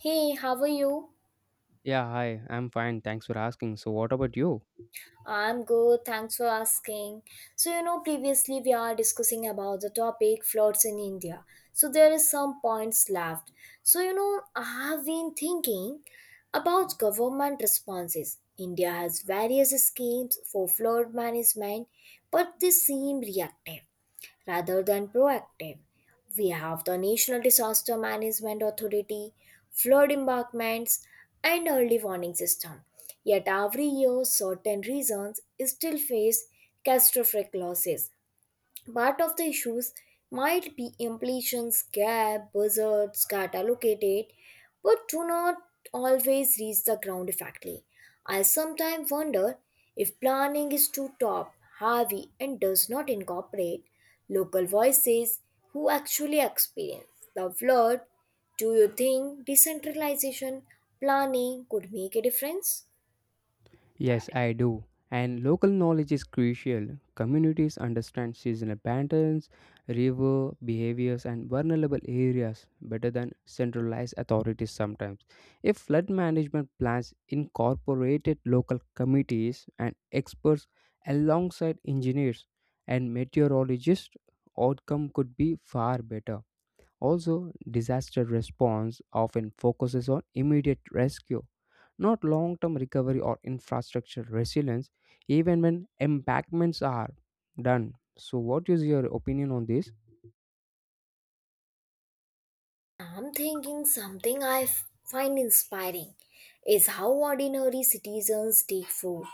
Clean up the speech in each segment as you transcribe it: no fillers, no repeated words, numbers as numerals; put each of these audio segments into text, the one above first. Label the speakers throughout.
Speaker 1: Hey, how are you?
Speaker 2: Yeah, hi, I'm fine. Thanks for asking. So, what about you?
Speaker 1: I'm good, thanks for asking. Previously we are discussing about the topic floods in India. So, there is some points left. I have been thinking about government responses. India has various schemes for flood management, but they seem reactive, rather than proactive. We have the National Disaster Management Authority, flood embankments, and early warning system. Yet every year, certain regions still face catastrophic losses. Part of the issues might be implications gap buzzards get allocated but do not always reach the ground effectively. I sometimes wonder if planning is too top heavy and does not incorporate local voices who actually experience the flood. Do you think decentralization planning could make a difference?
Speaker 2: Yes, I do. And local knowledge is crucial. Communities understand seasonal patterns, river behaviors, and vulnerable areas better than centralized authorities sometimes. If flood management plans incorporated local committees and experts alongside engineers and meteorologists, outcome could be far better. Also, disaster response often focuses on immediate rescue, not long term recovery or infrastructure resilience, even when embankments are done. So, what is your opinion on this?
Speaker 1: I'm thinking something find inspiring is how ordinary citizens take food,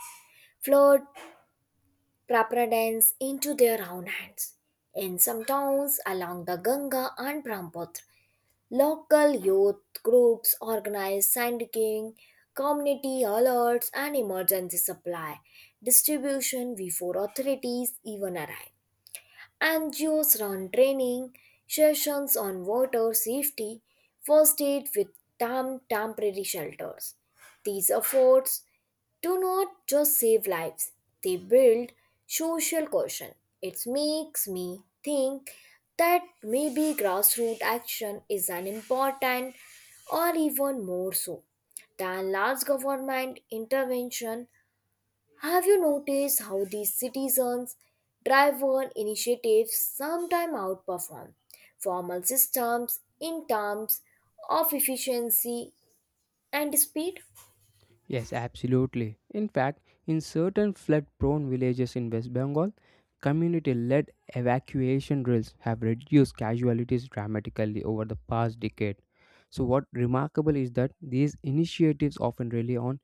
Speaker 1: flood, preparedness into their own hands. In some towns along the Ganga and Brahmaputra, local youth groups organize sandking, community alerts, and emergency supply distribution before authorities even arrive. NGOs run training sessions on water safety, first aid with temporary shelters. These efforts do not just save lives, they build social cohesion. It makes me think that maybe grassroots action is an important or even more so than large government intervention. Have you noticed how these citizens driven initiatives sometimes outperform formal systems in terms of efficiency and speed?
Speaker 2: Yes, absolutely. In fact, in certain flood prone villages in West Bengal, community led evacuation drills have reduced casualties dramatically over the past decade. So, what remarkable is that these initiatives often rely on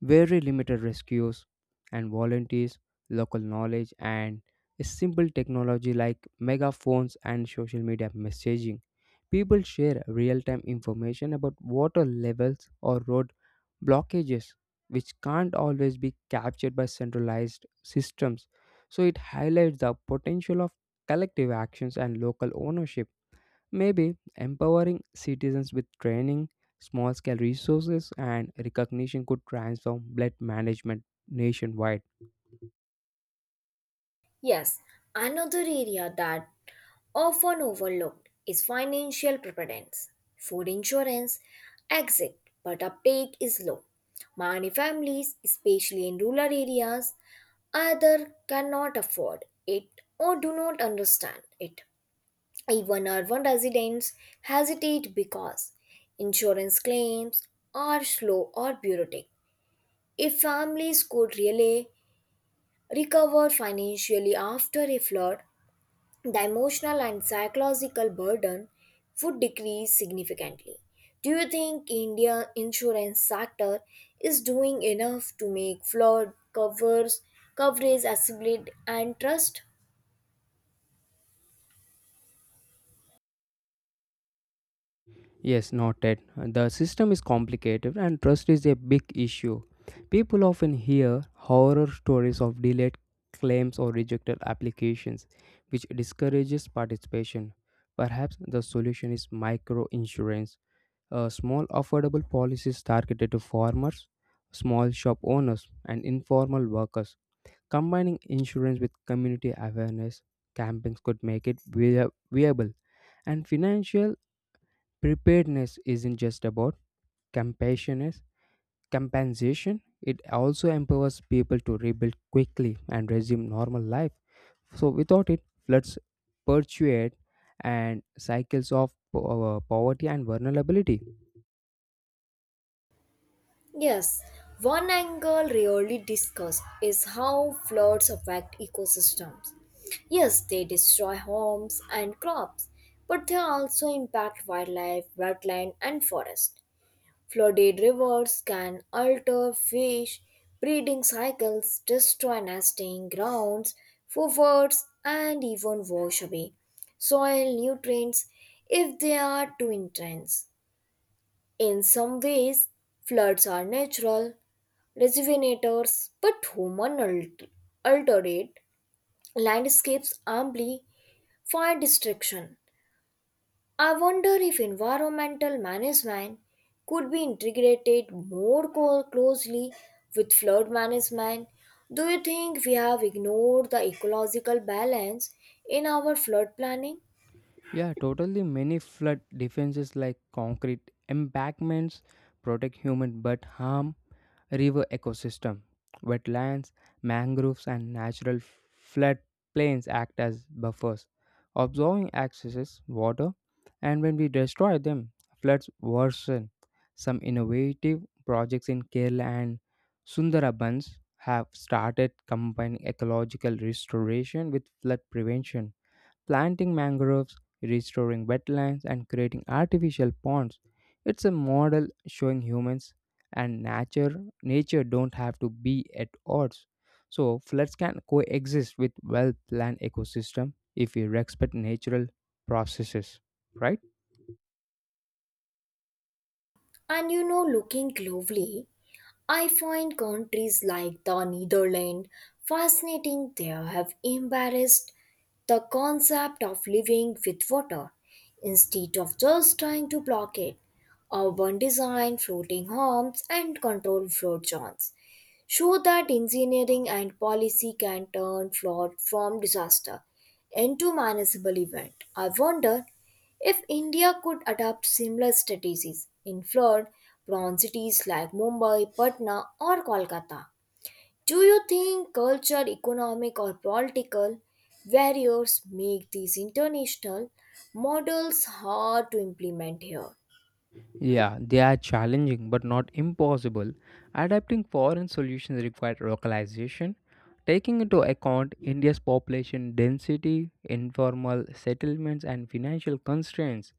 Speaker 2: very limited rescues and volunteers, local knowledge, and a simple technology like megaphones and social media messaging. People share real time information about water levels or road blockages, which can't always be captured by centralized systems. So, it highlights the potential of collective actions and local ownership. Maybe empowering citizens with training, small scale resources, and recognition could transform blood management nationwide.
Speaker 1: Yes, another area that often overlooked is financial preparedness. Food insurance exit, but uptake is low. Many families, especially in rural areas, either cannot afford it or do not understand it. Even urban residents hesitate because insurance claims are slow or bureaucratic. If families could really recover financially after a flood, the emotional and psychological burden would decrease significantly. Do you think India insurance sector is doing enough to make flood covers coverage accessible and trust?
Speaker 2: Yes, noted. The system is complicated and trust is a big issue. People often hear horror stories of delayed claims or rejected applications, which discourages participation. Perhaps the solution is micro insurance. Small affordable policies targeted to farmers, small shop owners, and informal workers. Combining insurance with community awareness campaigns could make it viable. And financial preparedness isn't just about compassion, compensation, it also empowers people to rebuild quickly and resume normal life. So, without it, floods perpetuate and cycles of poverty and vulnerability.
Speaker 1: Yes, one angle rarely discussed is how floods affect ecosystems. Yes, they destroy homes and crops, but they also impact wildlife, wetland, and forest. Flooded rivers can alter fish breeding cycles, destroy nesting grounds for birds, and even wash away soil nutrients if they are too intense. In some ways, floods are natural rejuvenators, but alterate landscapes amply fire destruction. I wonder if environmental management could be integrated closely with flood management. Do you think we have ignored the ecological balance in our flood planning?
Speaker 2: Yeah, totally. Many flood defenses like concrete embankments protect human but harm river ecosystem. Wetlands, mangroves, and natural flood plains act as buffers, absorbing excess water. And when we destroy them, floods worsen. Some innovative projects in Kerala and Sundarabans have started combining ecological restoration with flood prevention planting mangroves, restoring wetlands, and creating artificial ponds. It's a model showing humans and nature don't have to be at odds. So floods can coexist with well-planned ecosystem if we respect natural processes, right?
Speaker 1: Looking globally, I find countries like the Netherlands fascinating. They have embraced the concept of living with water instead of just trying to block it. Urban design, floating homes, and controlled flood zones show that engineering and policy can turn flood from disaster into manageable event. I wonder if India could adopt similar strategies in flood prone cities like Mumbai, Patna, or Kolkata. Do you think culture, economic, or political barriers make these international models hard to implement here?
Speaker 2: Yeah, they are challenging but not impossible. Adapting foreign solutions required localization, taking into account India's population density, informal settlements, and financial constraints.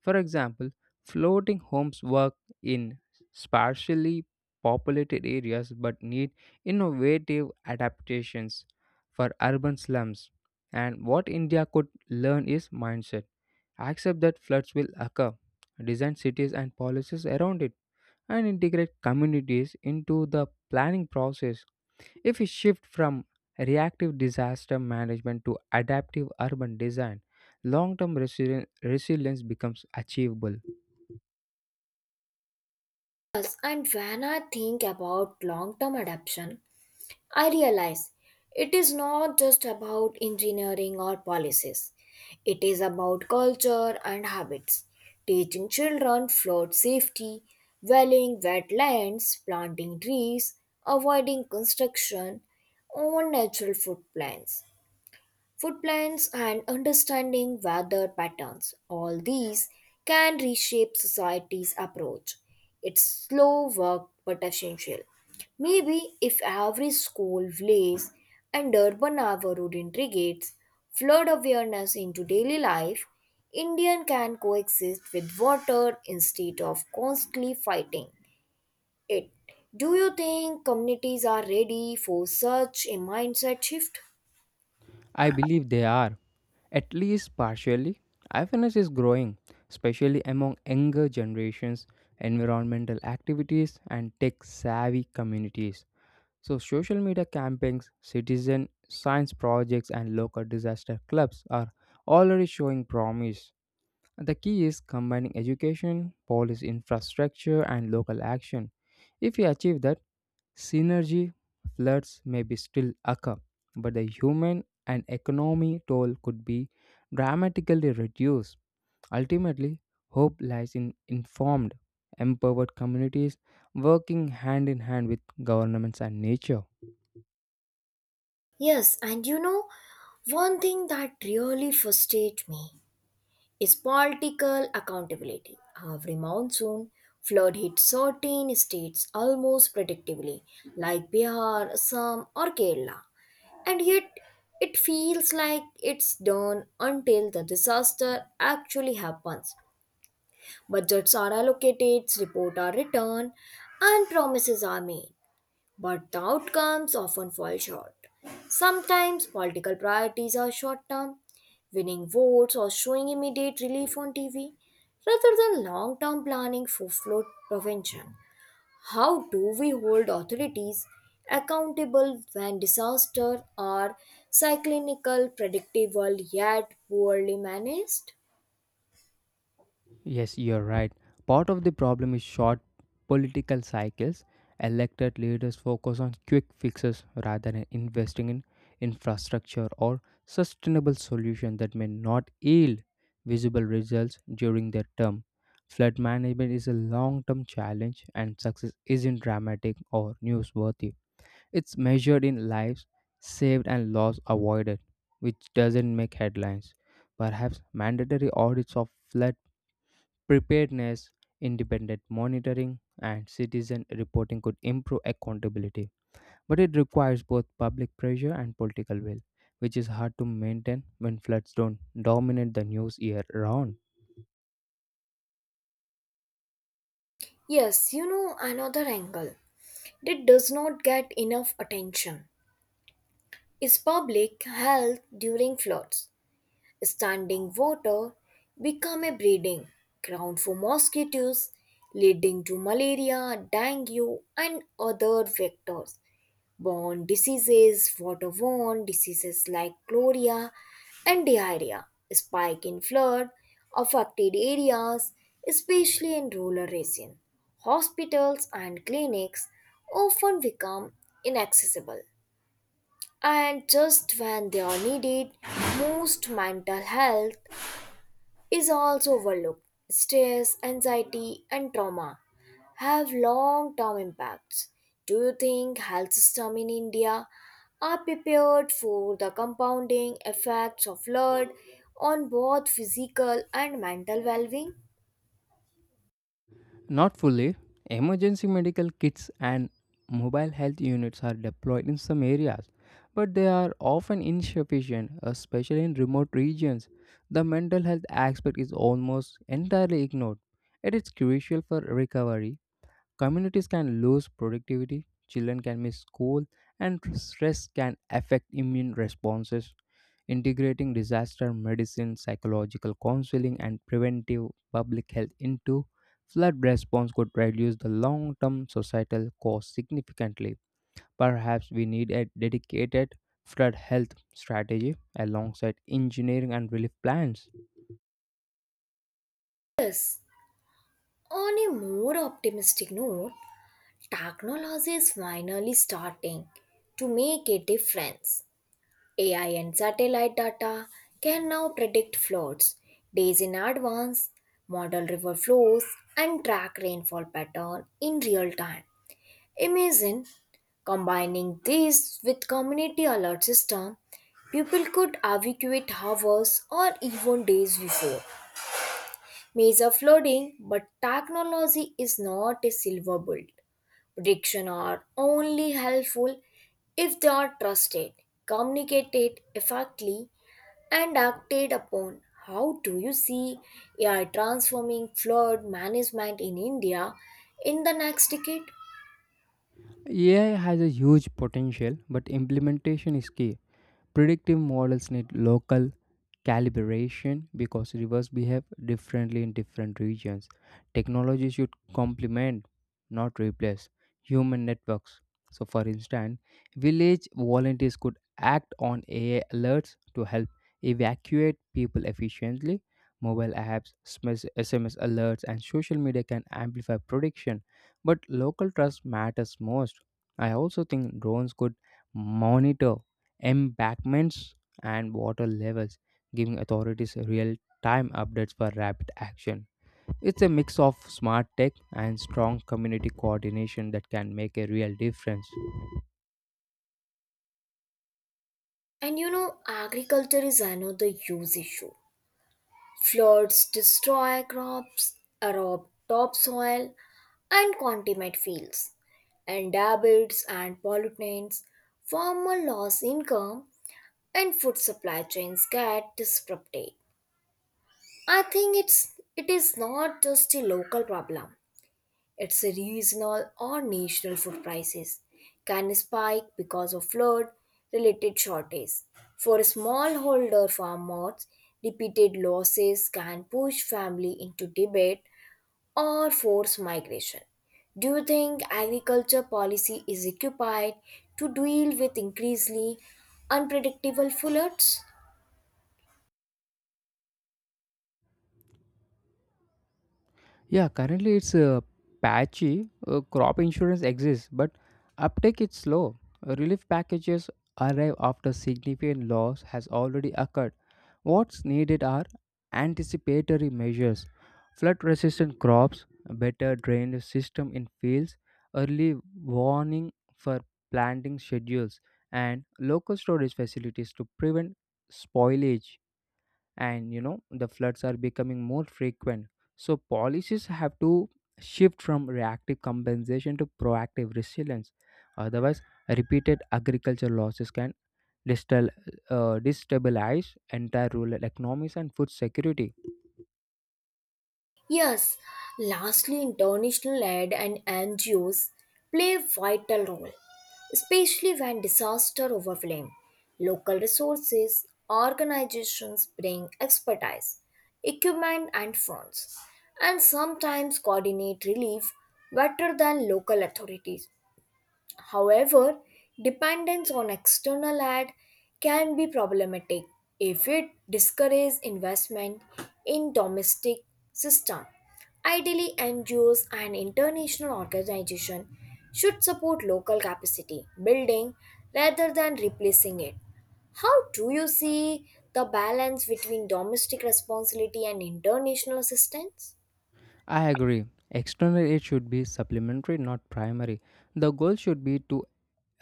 Speaker 2: For example, floating homes work in sparsely populated areas but need innovative adaptations for urban slums. And what India could learn is mindset. Accept that floods will occur, design cities and policies around it, and integrate communities into the planning process. If we shift from reactive disaster management to adaptive urban design, long term resilience becomes achievable.
Speaker 1: Yes, and when I think about long term adaptation, I realize it is not just about engineering or policies, it is about culture and habits. Teaching children flood safety, valuing wetlands, planting trees, avoiding construction on natural food plants food plans, and understanding weather patterns. All these can reshape society's approach. It's slow work but essential. Maybe if every school, village, and urban neighborhood integrates flood awareness into daily life, Indian can coexist with water instead of constantly fighting it. Do you think communities are ready for such a mindset shift?
Speaker 2: I believe they are, at least partially. Awareness is growing, especially among younger generations, environmental activities, and tech savvy communities. So, social media campaigns, citizen science projects, and local disaster clubs are already showing promise. The key is combining education, police infrastructure, and local action. If we achieve that, synergy floods may be still occur, but the human and economy toll could be dramatically reduced. Ultimately, hope lies in informed, empowered communities working hand in hand with governments and nature.
Speaker 1: Yes, and you know, One thing that really frustrates me is political accountability. Every monsoon, flood hits certain states almost predictably, like Bihar, Assam, or Kerala, and yet it feels like it's done until the disaster actually happens. Budgets are allocated, reports are written, and promises are made. But the outcomes often fall short. Sometimes political priorities are short term, winning votes or showing immediate relief on TV, rather than long term planning for flood prevention. How do we hold authorities accountable when disasters are cyclical, predictable, yet poorly managed?
Speaker 2: Yes, you're right. Part of the problem is short political cycles. Elected leaders focus on quick fixes rather than investing in infrastructure or sustainable solutions that may not yield visible results during their term. Flood management is a long term challenge, and success isn't dramatic or newsworthy. It's measured in lives saved and loss avoided, which doesn't make headlines. Perhaps mandatory audits of flood preparedness, independent monitoring, and citizen reporting could improve accountability, but it requires both public pressure and political will, which is hard to maintain when floods don't dominate the news year round.
Speaker 1: Another angle that does not get enough attention is public health during floods. Standing water become a breeding ground for mosquitoes, leading to malaria, dengue, and other vectors. Borne diseases, waterborne diseases like cholera and diarrhea, spike in flood affected areas, especially in rural regions. Hospitals and clinics often become inaccessible and just when they are needed most, mental health is also overlooked. Stress, anxiety, and trauma have long-term impacts. Do you think health system in India are prepared for the compounding effects of flood on both physical and mental well-being?
Speaker 2: Not fully, emergency medical kits and mobile health units are deployed in some areas, but they are often insufficient, especially in remote regions. The mental health aspect is almost entirely ignored. It is crucial for recovery. Communities can lose productivity, children can miss school, and stress can affect immune responses. Integrating disaster medicine, psychological counseling, and preventive public health into flood response could reduce the long term societal cost significantly. Perhaps we need a dedicated flood health strategy alongside engineering and relief plans.
Speaker 1: Yes. On a more optimistic note, technology is finally starting to make a difference. AI and satellite data can now predict floods days in advance, model river flows, and track rainfall pattern in real time. Imagine combining this with community alert system, people could evacuate hours or even days before major flooding, but technology is not a silver bullet. Prediction are only helpful if they are trusted, communicated effectively, and acted upon. How do you see AI transforming flood management in India in the next decade?
Speaker 2: AI has a huge potential, but implementation is key. Predictive models need local calibration because rivers behave differently in different regions. Technology should complement, not replace, human networks. So, for instance, village volunteers could act on AI alerts to help evacuate people efficiently. Mobile apps, SMS alerts, and social media can amplify prediction, but local trust matters most. I also think drones could monitor embankments, and water levels, giving authorities real time updates for rapid action. It's a mix of smart tech and strong community coordination that can make a real difference.
Speaker 1: Agriculture is another huge issue. Floods destroy crops, erode topsoil, and contaminate fields, and deserts and pollutants. Farmer lose income, and food supply chains get disrupted. I think it is not just a local problem. Its regional or national food prices can spike because of flood related shortages. For smallholder farmers, repeated losses can push family into debt or force migration. Do you think agriculture policy is equipped to deal with increasingly unpredictable floods?
Speaker 2: Yeah, currently it's patchy. Crop insurance exists, but uptake is slow. Relief packages arrive after significant loss has already occurred. What's needed are anticipatory measures, flood resistant crops, a better drainage system in fields, early warning for planting schedules, and local storage facilities to prevent spoilage. And you know the floods are becoming more frequent, so policies have to shift from reactive compensation to proactive resilience. Otherwise, repeated agriculture losses can distal, destabilize entire rural economies and food security.
Speaker 1: Yes, lastly, international aid and NGOs play a vital role, especially when disaster overwhelm. Local resources, organizations bring expertise, equipment, and funds, and sometimes coordinate relief better than local authorities. However, dependence on external aid can be problematic if it discourages investment in domestic system. Ideally, NGOs and international organizations should support local capacity building rather than replacing it. How do you see the balance between domestic responsibility and international assistance?
Speaker 2: I agree external aid should be supplementary not primary. The goal should be to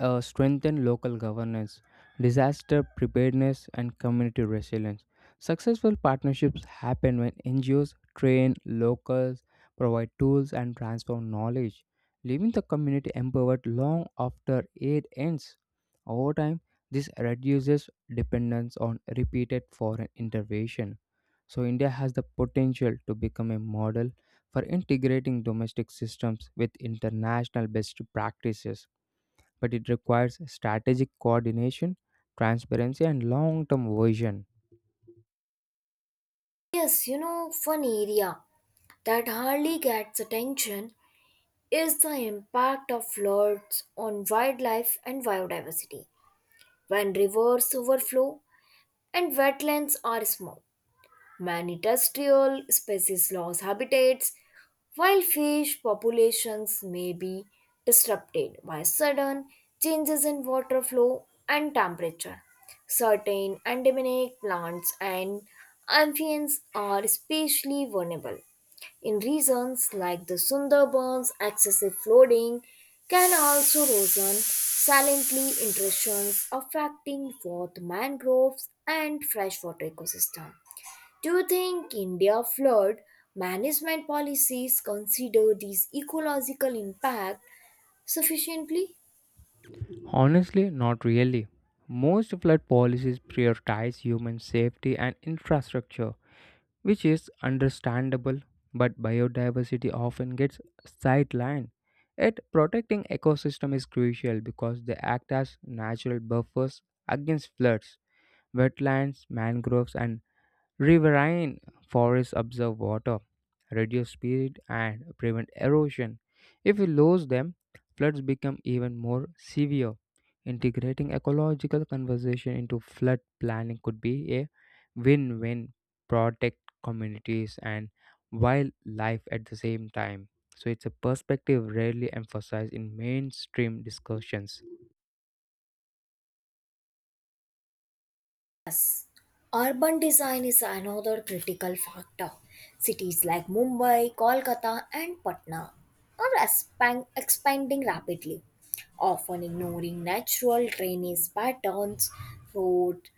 Speaker 2: strengthen local governance, disaster preparedness, and community resilience. Successful partnerships happen when NGOs train locals, provide tools, and transfer knowledge, leaving the community empowered long after aid ends. Over time, this reduces dependence on repeated foreign intervention. So, India has the potential to become a model for integrating domestic systems with international best practices, but it requires strategic coordination, transparency, and long term vision.
Speaker 1: One area that hardly gets attention is the impact of floods on wildlife and biodiversity. When rivers overflow and wetlands are small, Man industrial species loss habitats, while fish populations may be disrupted by sudden changes in water flow and temperature. Certain endemic plants and amphibians are especially vulnerable in regions like the Sundarbans, excessive flooding can also worsen silently intrusions affecting both mangroves and freshwater ecosystem. Do you think India flood management policies consider these ecological impact sufficiently?
Speaker 2: Honestly, not really. Most flood policies prioritize human safety and infrastructure, which is understandable, but biodiversity often gets sidelined. Yet, protecting ecosystem is crucial because they act as natural buffers against floods. Wetlands, mangroves, and Riverine forests absorb water, reduce speed, and prevent erosion. If we lose them, floods become even more severe. Integrating ecological conservation into flood planning could be a win win, protect communities and wildlife at the same time. So, it's a perspective rarely emphasized in mainstream discussions.
Speaker 1: Urban design is another critical factor. Cities like Mumbai, Kolkata, and Patna are expanding rapidly, often ignoring natural drainage patterns, road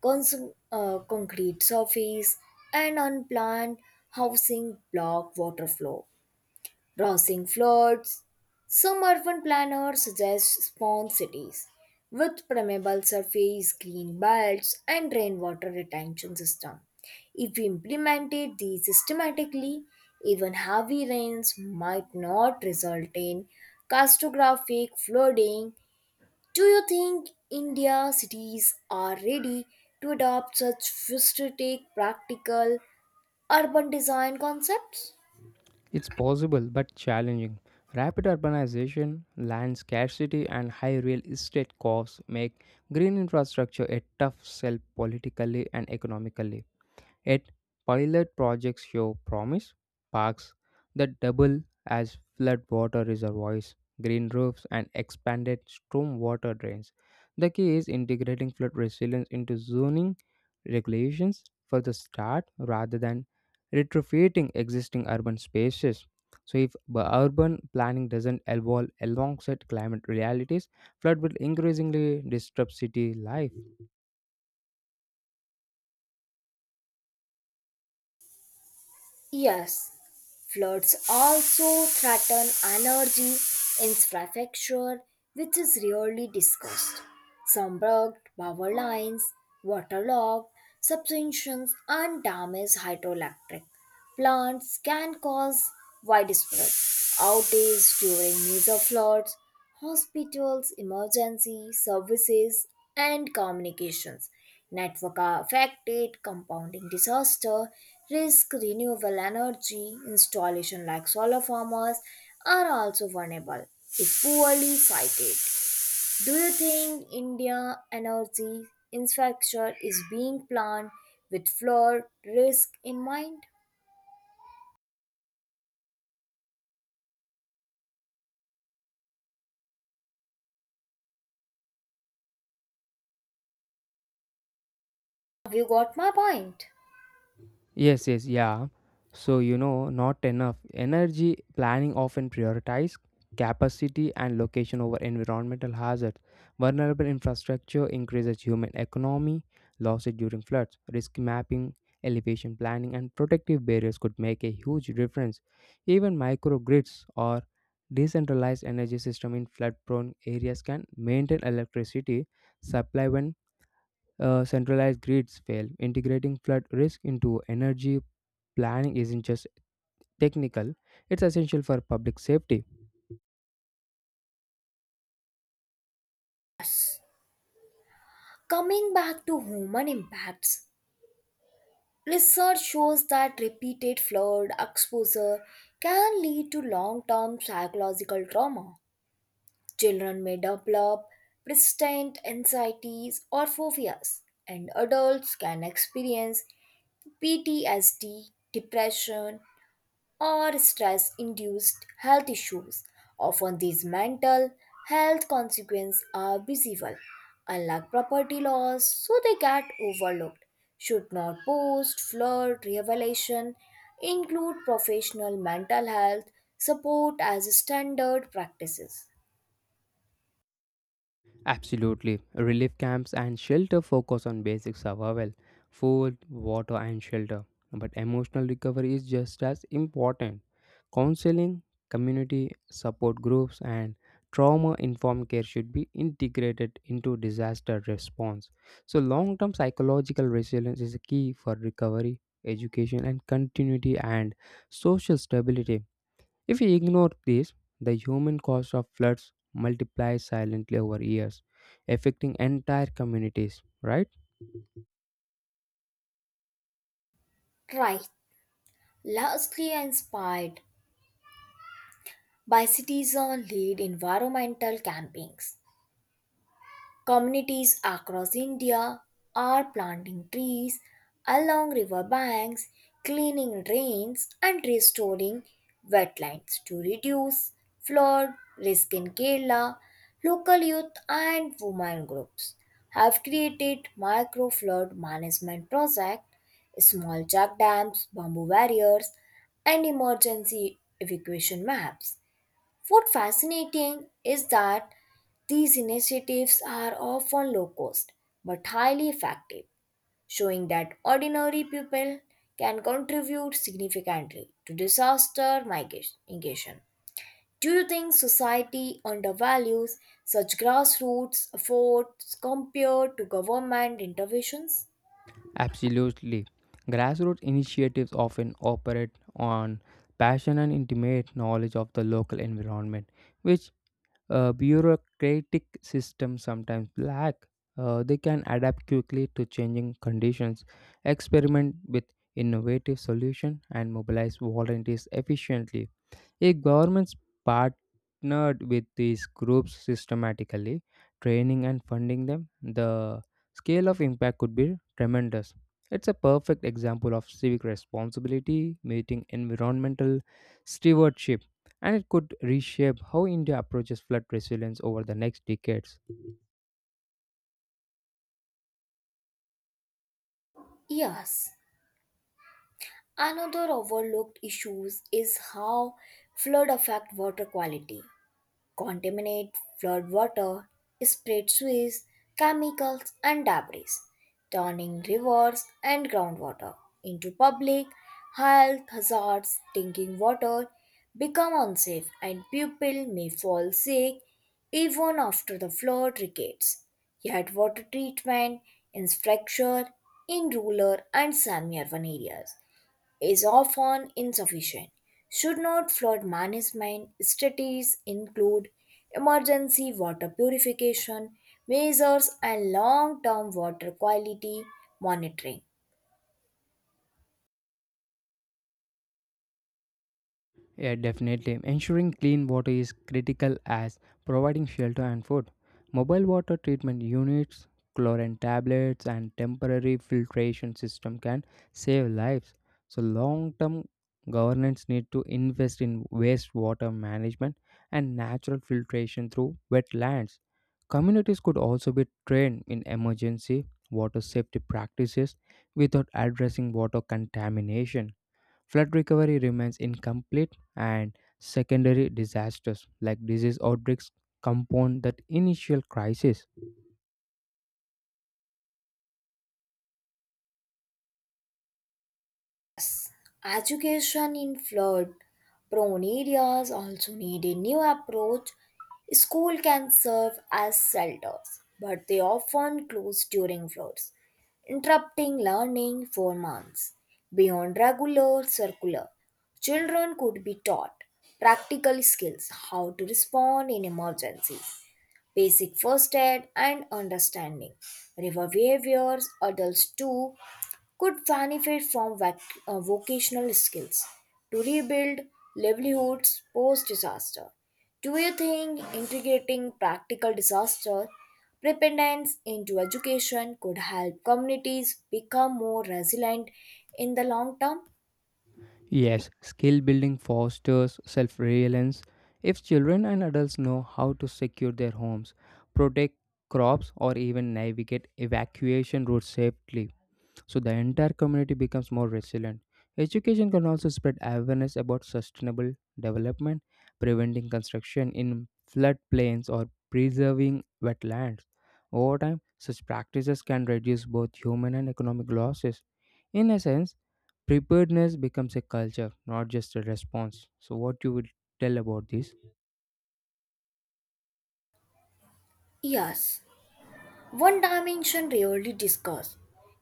Speaker 1: cons- concrete surface, and unplanned housing block water flow, rousing floods. Some urban planners suggest spawn cities with permeable surface, green belts, and rainwater retention system. If we implemented these systematically, even heavy rains might not result in catastrophic flooding. Do you think India cities are ready to adopt such futuristic, practical urban design concepts?
Speaker 2: It's possible but challenging. Rapid urbanization, land scarcity, and high real estate costs make green infrastructure a tough sell politically and economically. Yet, pilot projects show promise: parks that double as floodwater reservoirs, green roofs, and expanded stormwater drains. The key is integrating flood resilience into zoning regulations for the start rather than retrofitting existing urban spaces. So, if urban planning doesn't evolve alongside climate realities, flood will increasingly disrupt city life.
Speaker 1: Yes, floods also threaten energy infrastructure, which is rarely discussed. Some blocked power lines, waterlogged substations, and damaged hydroelectric plants can cause widespread outages during major floods. Hospitals, emergency services, and communications network are affected, compounding disaster, risk, renewable energy, installation like solar farmers are also vulnerable if poorly sited. Do you think India energy infrastructure is being planned with flood risk in mind? Have you got my point?
Speaker 2: Yes, yes, yeah. So, you know, not enough. Energy planning often prioritize capacity and location over environmental hazards. Vulnerable infrastructure increases human economy, losses during floods, risk mapping, elevation planning, and protective barriers could make a huge difference. Even microgrids or decentralized energy system in flood prone areas can maintain electricity supply when centralized grids fail. Integrating flood risk into energy planning isn't just technical, it's essential for public safety.
Speaker 1: Yes. Coming back to human impacts, research shows that repeated flood exposure can lead to long term psychological trauma. Children may develop persistent anxieties or phobias, and adults can experience PTSD, depression, or stress induced health issues. Often these mental health consequences are visible, unlike property loss, so they get overlooked. Should not post, flood, revelation include professional mental health support as standard practices?
Speaker 2: Absolutely. Relief camps and shelter focus on basic survival food, water, and shelter. But emotional recovery is just as important. Counseling, community support groups, and trauma informed care should be integrated into disaster response. So, long term psychological resilience is a key for recovery, education, and continuity and social stability. If we ignore this, the human cost of floods multiplies silently over years, affecting entire communities, right?
Speaker 1: Right. Lastly, inspired by citizen lead environmental campaigns. Communities across India are planting trees along river banks, cleaning drains, and restoring wetlands to reduce flood risk. In Kerala, local youth and women groups have created micro flood management projects, small check dams, bamboo barriers, and emergency evacuation maps. What fascinating is that these initiatives are often low cost but highly effective, showing that ordinary people can contribute significantly to disaster mitigation. Do you think society undervalues such grassroots efforts compared to government interventions?
Speaker 2: Absolutely. Grassroots initiatives often operate on passion and intimate knowledge of the local environment, which bureaucratic systems sometimes lack. They can adapt quickly to changing conditions, experiment with innovative solutions, and mobilize volunteers efficiently. If governments partnered with these groups systematically, training and funding them, the scale of impact could be tremendous. It's a perfect example of civic responsibility meeting environmental stewardship, and it could reshape how India approaches flood resilience over the next decades.
Speaker 1: Yes, another overlooked issue is how flood affect water quality. Contaminate flood water, spread sewage, chemicals, and debris, turning rivers and groundwater into public health hazards. Drinking water become unsafe, and people may fall sick even after the flood regates. Yet, water treatment is fractured in rural and semi-urban areas is often insufficient. Should not flood management strategies include emergency water purification measures and long term water quality monitoring?
Speaker 2: Yeah, definitely. Ensuring clean water is critical as providing shelter and food. Mobile water treatment units, chlorine tablets, and temporary filtration system can save lives. So, long term governments need to invest in wastewater management and natural filtration through wetlands. Communities could also be trained in emergency water safety practices without addressing water contamination. Flood recovery remains incomplete, and secondary disasters like disease outbreaks compound that initial crisis.
Speaker 1: Education in flood prone areas also need a new approach. School can serve as shelters, but they often close during floods, interrupting learning for months. Beyond regular circular, children could be taught practical skills, how to respond in emergencies, basic first aid and understanding river behaviors. Adults too could benefit from vocational skills to rebuild livelihoods post disaster. Do you think integrating practical disaster preparedness into education could help communities become more resilient in the long term?
Speaker 2: Yes, skill building fosters self reliance. If children and adults know how to secure their homes, protect crops, or even navigate evacuation routes safely, so the entire community becomes more resilient. Education can also spread awareness about sustainable development, preventing construction in floodplains or preserving wetlands. Over time, such practices can reduce both human and economic losses. In a sense, preparedness becomes a culture, not just a response. So, what you would tell about this?
Speaker 1: Yes, one dimension rarely discussed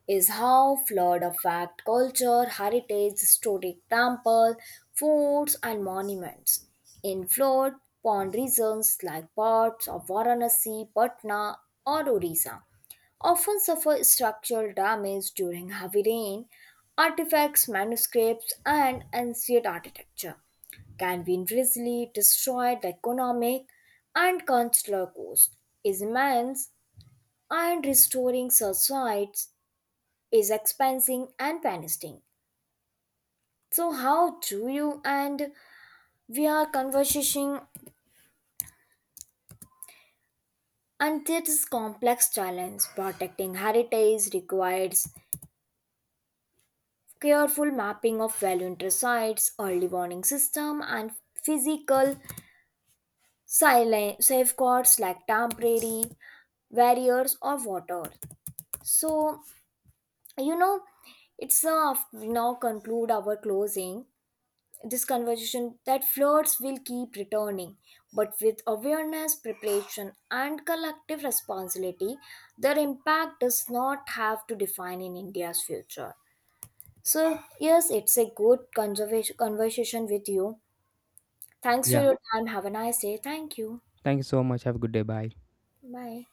Speaker 1: is how flawed a fact culture, heritage, historic temples, forts, and monuments in flood prone regions like parts of Varanasi, Patna, or Orissa often suffer structural damage during heavy rain. Artifacts, manuscripts, and ancient architecture can be invisibly destroyed. The economic and cultural cost is immense, and restoring such sites is expensing and panisting. So how do you, and we are conversing, and this is complex challenge. Protecting heritage requires careful mapping of value interest sites, early warning system, and physical safeguards like temporary barriers or water. So you know it's now conclude our closing this conversation that flirts will keep returning, but with awareness, preparation, and collective responsibility, their impact does not have to define in India's future. So yes, it's a good conservation conversation with you. Thanks for
Speaker 2: Yeah.
Speaker 1: your time, have a nice day. Thank you.
Speaker 2: Thank you so much. Have a good day. Bye.
Speaker 1: Bye.